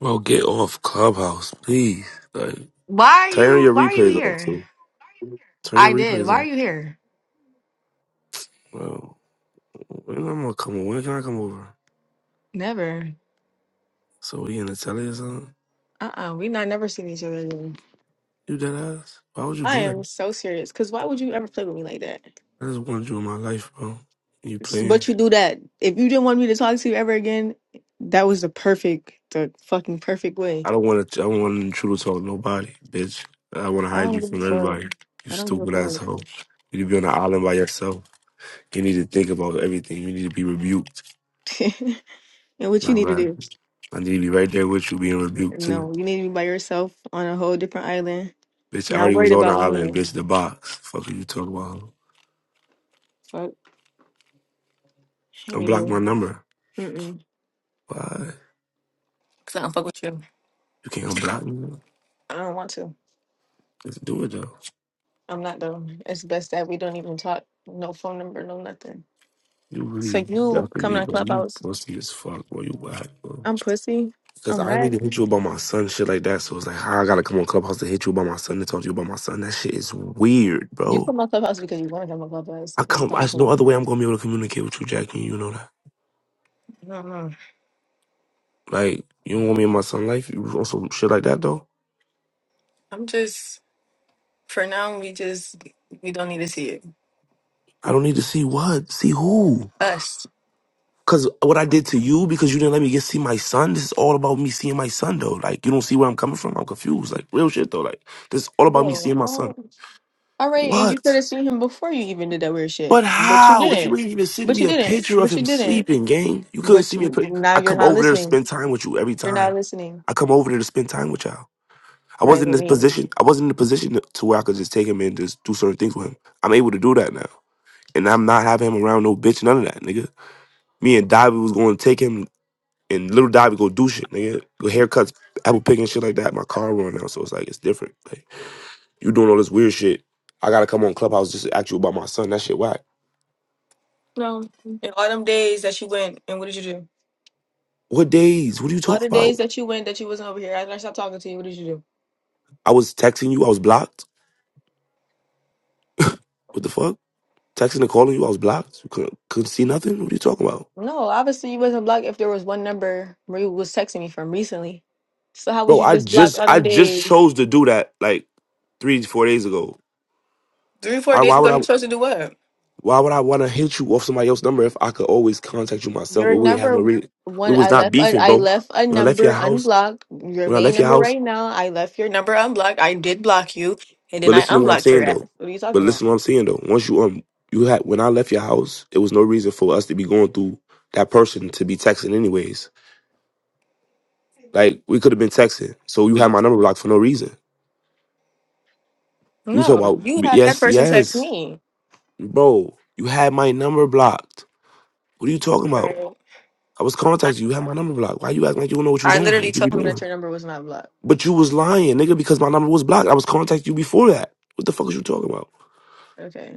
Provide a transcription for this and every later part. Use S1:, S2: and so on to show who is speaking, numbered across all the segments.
S1: Well, get off Clubhouse, please. Like,
S2: Why are
S1: turn
S2: you
S1: your
S2: why are you
S1: replays off
S2: here?
S1: too. Turn your
S2: I did.
S1: replays
S2: Why are
S1: off.
S2: you here?
S1: Well, when I'm gonna come over? When can I come over?
S2: Never.
S1: So we in the telly or something?
S2: Uh-uh. We not never seen each other again.
S1: You dead ass? Why would you
S2: I
S1: do that?
S2: am so serious. Cause why would you ever play with me like that?
S1: I just wanted you in my life, bro. You
S2: S-
S1: playing?
S2: But you do that. If you didn't want me to talk to you ever again, that was the perfect, the fucking perfect way.
S1: I don't want to. I don't want to intrude talk nobody, bitch. I want to
S2: I
S1: hide
S2: don't
S1: you
S2: give a
S1: from
S2: fuck.
S1: everybody. You
S2: I don't give
S1: stupid
S2: a
S1: asshole. You need to be on the island by yourself. You need to think about everything. You need to be rebuked.
S2: fuck. and what you
S1: Not
S2: need to
S1: lying.
S2: do?
S1: I need to be right there with you, being rebuked too.
S2: No, you need to be by yourself on a whole different island.
S1: Bitch, I
S2: Not
S1: already was
S2: worried
S1: on the
S2: about
S1: island,
S2: me.
S1: bitch, the box. Fuck are you talking about?
S2: Fuck.
S1: Unblock my
S2: Anywho.
S1: number.
S2: Mm-mm.
S1: Why?
S2: Cause I don't fuck with you.
S1: You can't unblock
S2: I
S1: me?
S2: don't want to.
S1: Let's do it though.
S2: I'm not though. It's best that we don't even talk. No phone number, no nothing.
S1: You really
S2: So you
S1: ducking
S2: come
S1: me,
S2: to
S1: bro. You
S2: Clubhouse.
S1: pussy as fuck, bro. You whack, bro.
S2: I'm pussy.
S1: Cause
S2: I'm
S1: I need to
S2: whack.
S1: hit you about my son, shit like that. So it's like, how I gotta come on Clubhouse to hit you about my son to talk to you about my son. That shit is weird,
S2: You
S1: bro.
S2: come to Clubhouse because you want to come to Clubhouse
S1: I
S2: and
S1: come,
S2: talk
S1: there's
S2: to
S1: no
S2: me.
S1: other way I'm gonna be able to communicate with you, Jackie. You know that.
S2: No, no.
S1: Like, you don't want me in my son life? You want some shit like that though?
S2: I'm just for now. We just we don't need to see it.
S1: I don't need to see what, see who.
S2: Us,
S1: Cause what I did to you, because you didn't let me get see my son. This is all about me seeing my son, though. Like you don't see where I'm coming from. I'm confused. Like real shit, though. Like this is all about me
S2: bro.
S1: seeing my son.
S2: what? All right, and you could
S1: What?
S2: have seen him before you even did that weird shit,
S1: But
S2: but you
S1: how? If you
S2: didn't.
S1: didn't even send
S2: But
S1: me
S2: you
S1: a
S2: didn't.
S1: picture of
S2: But you
S1: him
S2: didn't.
S1: sleeping, gang, you couldn't
S2: But
S1: see me. A
S2: you,
S1: pic-
S2: now
S1: I
S2: you're
S1: come
S2: not
S1: over there to
S2: listening.
S1: spend time with you every
S2: You're not
S1: time.
S2: listening.
S1: I come over there to spend time with y'all. I
S2: Right
S1: wasn't in
S2: with
S1: this
S2: me.
S1: position. I wasn't in the position to where I could just take him and just do certain things with him. I'm able to do that now, and I'm not having him around no bitch, none of that, nigga. Me and Dobby was going to take him. And little Dobby go do shit, nigga. Go haircuts, apple picking shit like that. My car running out, so it's like it's different. Like you doing all this weird shit. I gotta come on Clubhouse just to ask you about my son. That shit whack.
S2: No. In all them days that you went, and what did you do?
S1: What days? What are you
S2: All
S1: talking
S2: the days
S1: about?
S2: that you went that you wasn't over here, after I stopped talking to you, what did you do?
S1: I was texting you. I was blocked. What the fuck? Texting and calling you. I was blocked. You couldn't, couldn't see nothing. What are you talking about,
S2: No, obviously you wasn't blocked if there was one number Marie was texting me from recently. So how was
S1: bro?
S2: you
S1: I
S2: just blocked
S1: just
S2: all
S1: I
S2: them
S1: just
S2: days?
S1: chose to do that like three four days ago.
S2: Three, four
S1: I,
S2: days
S1: why
S2: ago,
S1: would I?
S2: you supposed to do what?
S1: Why would I want to hit you off somebody else's number if I could always contact you myself?
S2: Your
S1: And we had no
S2: number
S1: real. We
S2: one,
S1: was
S2: I
S1: not
S2: left. I,
S1: beefing,
S2: I
S1: bro.
S2: left a
S1: When I left your
S2: number
S1: house.
S2: unblocked. Your
S1: when I
S2: main
S1: left your
S2: number
S1: house.
S2: right now. I left your number unblocked. I did block you, and then
S1: But
S2: I
S1: listen to what I'm
S2: unblocked your
S1: saying
S2: ass.
S1: though.
S2: What are you talking
S1: But
S2: about?
S1: listen to what I'm saying though. Once you um you had when I left your house, there was no reason for us to be going through that person to be texting anyways. Like we could have been texting. So you had my number blocked for no reason. You talk
S2: No,
S1: about
S2: you had that
S1: yes,
S2: person text
S1: yes,
S2: me.
S1: bro. You had my number blocked. What are you talking about?
S2: Right.
S1: I was contacting you. You had my number blocked. Why you acting like you don't know what you're
S2: I
S1: doing?
S2: literally
S1: What you be
S2: told him that
S1: doing?
S2: your number was not blocked.
S1: But you was lying, nigga, because my number was blocked. I was contacting you before that. What the fuck is you talking about?
S2: Okay,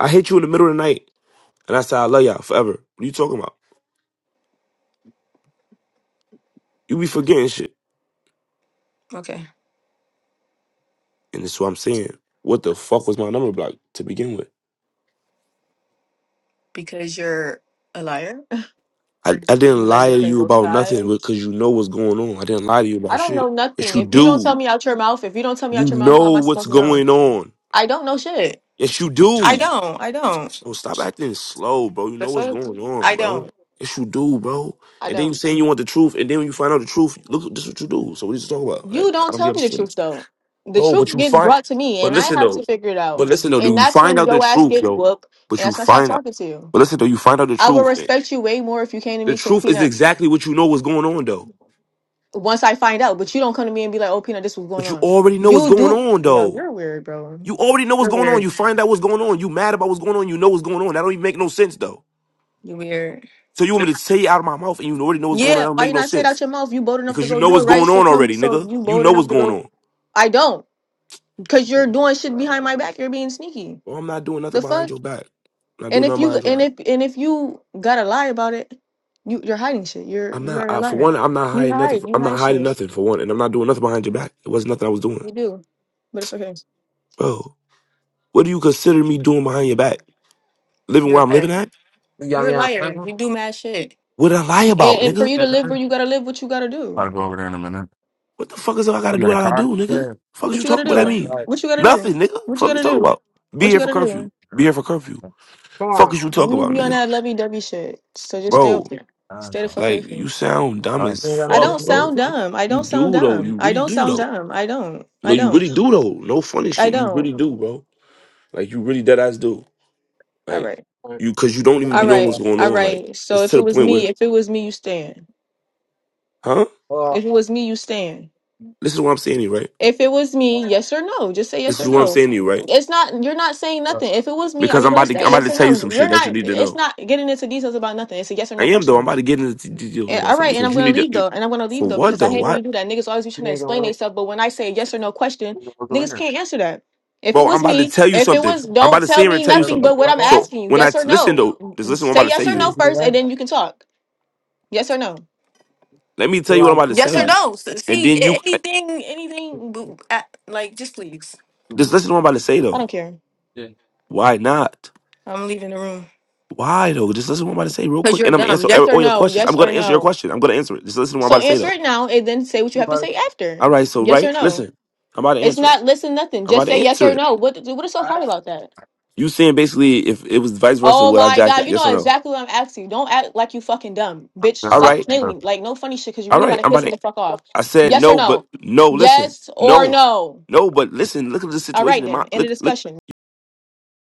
S1: I hit you in the middle of the night. And I said, I love y'all forever. What are you talking about? You be forgetting shit.
S2: Okay,
S1: And that's what I'm saying. What the fuck was my number block to begin with?
S2: because you're a liar.
S1: I, I didn't
S2: You like
S1: lie
S2: to
S1: to
S2: play
S1: you
S2: both
S1: about nothing
S2: sides.
S1: because you know what's going on. I didn't lie to you
S2: I
S1: about
S2: don't
S1: shit.
S2: know
S1: Yes,
S2: nothing.
S1: you
S2: If you don't
S1: do.
S2: tell me out your mouth, if you don't tell me
S1: You
S2: out your mouth, how
S1: know
S2: am I
S1: what's
S2: supposed to know?
S1: going on.
S2: I don't know shit.
S1: Yes, you
S2: I
S1: do.
S2: don't. I don't.
S1: Bro, stop acting slow, bro. You
S2: The
S1: know what's
S2: fuck?
S1: going on,
S2: I
S1: bro.
S2: don't.
S1: Yes, you do, bro.
S2: I
S1: And then you
S2: don't.
S1: saying you want the truth, and then when you find out the truth, look, this is what you do. So what are you talking about? Like,
S2: You
S1: I
S2: don't
S1: don't
S2: tell me the
S1: understand.
S2: truth though. The
S1: bro. But
S2: truth
S1: you
S2: gets
S1: find,
S2: brought to me,
S1: but
S2: and I
S1: listen
S2: have to
S1: though,
S2: figure it
S1: but
S2: out.
S1: listen though, do
S2: And
S1: you
S2: that's
S1: find
S2: when
S1: out the
S2: your ass
S1: truth
S2: get
S1: though?
S2: whooped,
S1: But
S2: and
S1: you
S2: that's when I stop
S1: find out,
S2: talking to you.
S1: but listen though, you find out the
S2: I will
S1: truth.
S2: respect you way more if you came to
S1: The
S2: me say,
S1: truth is
S2: "Peanut,
S1: exactly what you know what's going on though.
S2: once I find out, but you don't come to me and be like, "Oh, Peanut, this was going
S1: But you
S2: on."
S1: already know what's
S2: You
S1: going
S2: do,
S1: on
S2: yo,
S1: though.
S2: you're weird, bro.
S1: You already know what's
S2: You're
S1: going on.
S2: weird.
S1: You find out what's going on. You mad about what's going on. You know what's going on. That don't even make no sense though.
S2: You weird.
S1: So you want me to say it out of my mouth and you already know what's going on?
S2: Yeah,
S1: That don't
S2: why
S1: make
S2: you
S1: no
S2: not say it out
S1: sense
S2: your mouth? You bold enough to
S1: because you
S2: go
S1: know
S2: do it,
S1: what's
S2: right?
S1: going
S2: So
S1: on
S2: come,
S1: already,
S2: so
S1: nigga.
S2: you
S1: You
S2: bold
S1: know what's
S2: enough to
S1: going
S2: go.
S1: on.
S2: I don't, because
S1: Oh
S2: you're
S1: my
S2: doing shit behind
S1: god,
S2: my
S1: bro.
S2: back. You're being sneaky.
S1: Well, I'm not doing nothing
S2: The
S1: behind
S2: fuck.
S1: your back. I'm not
S2: And
S1: doing
S2: if
S1: nothing
S2: you
S1: behind your
S2: and
S1: back.
S2: if and if you gotta lie about it, you you're hiding shit. You're
S1: I'm not.
S2: you're a
S1: I, for
S2: liar.
S1: one, I'm not
S2: You
S1: hiding nothing.
S2: hide. You
S1: I'm not
S2: hide
S1: hiding
S2: shit.
S1: nothing. For one, and I'm not doing nothing behind your back. It wasn't nothing I was doing,
S2: You do, but it's okay.
S1: bro. What do you consider me doing behind your back? Living
S2: You're
S1: where
S2: a
S1: I'm
S2: liar.
S1: living at?
S3: You got
S2: You're a
S3: me on a
S2: liar.
S3: platform?
S2: You do mad shit.
S1: What did I lie about,
S2: And,
S3: Go
S2: and for
S1: nigga?
S2: you to
S3: back
S2: live where
S3: down?
S2: you gotta live, what you gotta
S3: I'll
S2: do.
S3: go over there in a minute.
S1: What the fuck is I
S3: Oh,
S1: gotta
S3: You
S1: do?
S3: got a
S1: What I gotta
S3: car?
S1: do, nigga?
S3: Yeah.
S1: Fuck is
S2: What
S1: you
S2: you gonna
S1: talking? What I
S3: Like,
S2: do?
S1: mean?
S3: all right.
S2: What you gonna do?
S1: Nothing, nigga.
S2: What you
S1: Fuck you
S2: gonna
S1: talking
S2: do?
S1: about? Be
S2: What
S3: Oh,
S1: here
S2: you
S1: for
S2: gonna
S1: curfew.
S2: do?
S3: okay,
S1: Be
S3: right.
S1: here for curfew.
S3: That's Come on.
S1: Fuck is you talking
S2: You
S1: about,
S2: be on
S1: nigga?
S2: that lovey dovey shit. So just stay over
S1: Bro,
S2: there.
S3: uh, that's
S2: Stay the
S3: fine.
S2: fuck away
S1: like
S2: from
S1: you
S2: me.
S1: sound dumb
S3: Sorry.
S1: as
S3: You ain't
S2: I
S3: got
S1: fuck,
S2: don't
S3: nothing to
S1: bro.
S2: sound
S3: do?
S2: dumb. I
S1: You
S2: don't sound
S1: do though.
S2: dumb.
S1: You
S2: I
S1: really
S2: don't
S1: do
S2: sound
S1: though.
S2: dumb. I don't.
S1: No,
S2: I
S1: you
S2: don't.
S1: really do though. No funny
S2: I
S1: shit. You
S2: don't.
S1: really do, bro. Like you really dead ass do.
S2: All
S1: Like
S2: right.
S3: All right.
S1: you, because you
S3: I'm
S1: don't
S3: gonna
S1: even
S2: All
S1: be
S3: make
S1: knowing
S3: you
S1: what's
S2: right.
S1: going
S3: out.
S2: All
S1: on. Like
S2: right. So
S1: it's to
S2: if it
S1: the
S2: was
S1: point
S2: me,
S1: where,
S2: if it was me, you stand.
S1: huh?
S3: Well,
S2: If it was me, you stand.
S1: This is what I'm saying to you, right?
S2: If it was me, yes or no. Just say
S1: This
S2: yes
S1: is
S2: or
S1: what I'm
S2: no.
S1: saying to you, right?
S2: It's not you're not saying
S3: uh,
S2: nothing. If it was me, are
S1: Because
S2: you
S1: I'm
S2: gonna
S1: about to,
S2: say
S1: I'm about
S2: yes
S1: to
S2: or
S1: tell you
S2: no?
S1: some
S2: You're
S1: shit that you
S2: not
S1: need to
S2: it's
S1: know.
S2: not getting into details about nothing. It's a yes or
S1: I
S2: no
S1: am though.
S2: question.
S1: I'm about to get into the details
S2: And,
S1: about
S2: all
S1: something
S2: right, and
S1: because
S2: I'm
S1: you
S2: gonna
S1: need to.
S2: leave
S1: You,
S2: though, and I'm gonna leave
S1: for
S2: though
S1: what
S2: because I
S1: though?
S2: hate when you
S1: What,
S2: do that. Niggas always be
S3: you
S2: trying to
S3: ain't
S2: explain
S3: gonna wait.
S2: themselves, but when I say a yes or no question,
S3: Look over
S2: niggas
S3: here.
S2: can't answer that. If it
S1: bro? I'm
S2: was
S1: about to
S2: me,
S1: tell you
S2: if it
S1: something.
S2: was,
S1: I'm about
S2: don't
S1: to sit
S2: tell
S1: here and
S2: me
S1: tell you
S3: Let's
S2: nothing
S1: something.
S3: talk
S2: but what I'm
S3: about that.
S1: So
S2: asking you,
S1: when I
S2: yes or
S1: t- listen
S2: no.
S1: though, just listen. to What I'm about
S2: Say
S1: to say
S2: yes
S1: to
S2: or
S3: Are you
S2: no
S1: you.
S3: doing
S2: first, and
S3: that?
S2: then you can talk. Yes or no.
S1: Let me tell
S3: You
S1: you what I'm
S3: want
S1: about to tell
S2: Yes or
S3: to
S1: you,
S2: no. S-
S1: and
S2: See
S1: then you
S2: a-
S1: eh,
S2: anything,
S3: do
S2: anything, b-
S3: that?
S2: a- like just please.
S1: just
S3: What?
S1: listen to what I'm about to say
S2: I
S1: though.
S2: don't care.
S3: Yeah.
S1: Why not?
S2: I'm leaving the room
S1: Why though? Just listen to what I'm about to say real
S2: because
S1: quick, and
S2: you're
S1: I'm gonna
S2: dumb.
S1: answer every-
S2: Yes or
S1: all your
S2: no.
S1: questions. I'm
S2: Yes or
S1: gonna answer your
S2: no.
S1: question. I'm gonna answer it. Just listen to what I'm
S2: So
S1: about to say
S2: answer
S1: though.
S2: it now, and then say what you have to
S3: Everybody,
S2: say after.
S1: All right, so
S2: Yes or
S1: right,
S2: no.
S1: listen. I'm about to
S2: It's
S1: answer it.
S2: not listen nothing.
S1: I'm about
S2: Just
S1: to
S2: say yes
S1: answer
S2: or
S1: it.
S2: no. What what is so hard about that?
S1: You saying basically if it was vice versa,
S2: Oh
S1: would I
S2: my
S1: jack
S2: god,
S1: it?
S2: you
S1: Yes or
S2: know
S1: no?
S2: exactly what I'm asking. you. Don't act like you fucking dumb, bitch.
S1: All
S3: all
S2: Stop
S1: right,
S2: playing
S3: right?
S2: with me. Like no funny shit, cause you
S1: all
S2: really
S1: right.
S2: want to
S1: I'm
S2: piss
S1: about
S2: me
S1: to.
S2: the fuck off.
S1: I said
S2: Yes or
S1: no, but
S2: no?
S1: no. Listen,
S2: Yes or
S1: no,
S2: no?
S1: no, but listen. Look at the
S2: All
S1: situation
S2: right
S1: in
S2: then.
S1: my
S2: End of
S1: look. Look.
S2: discussion.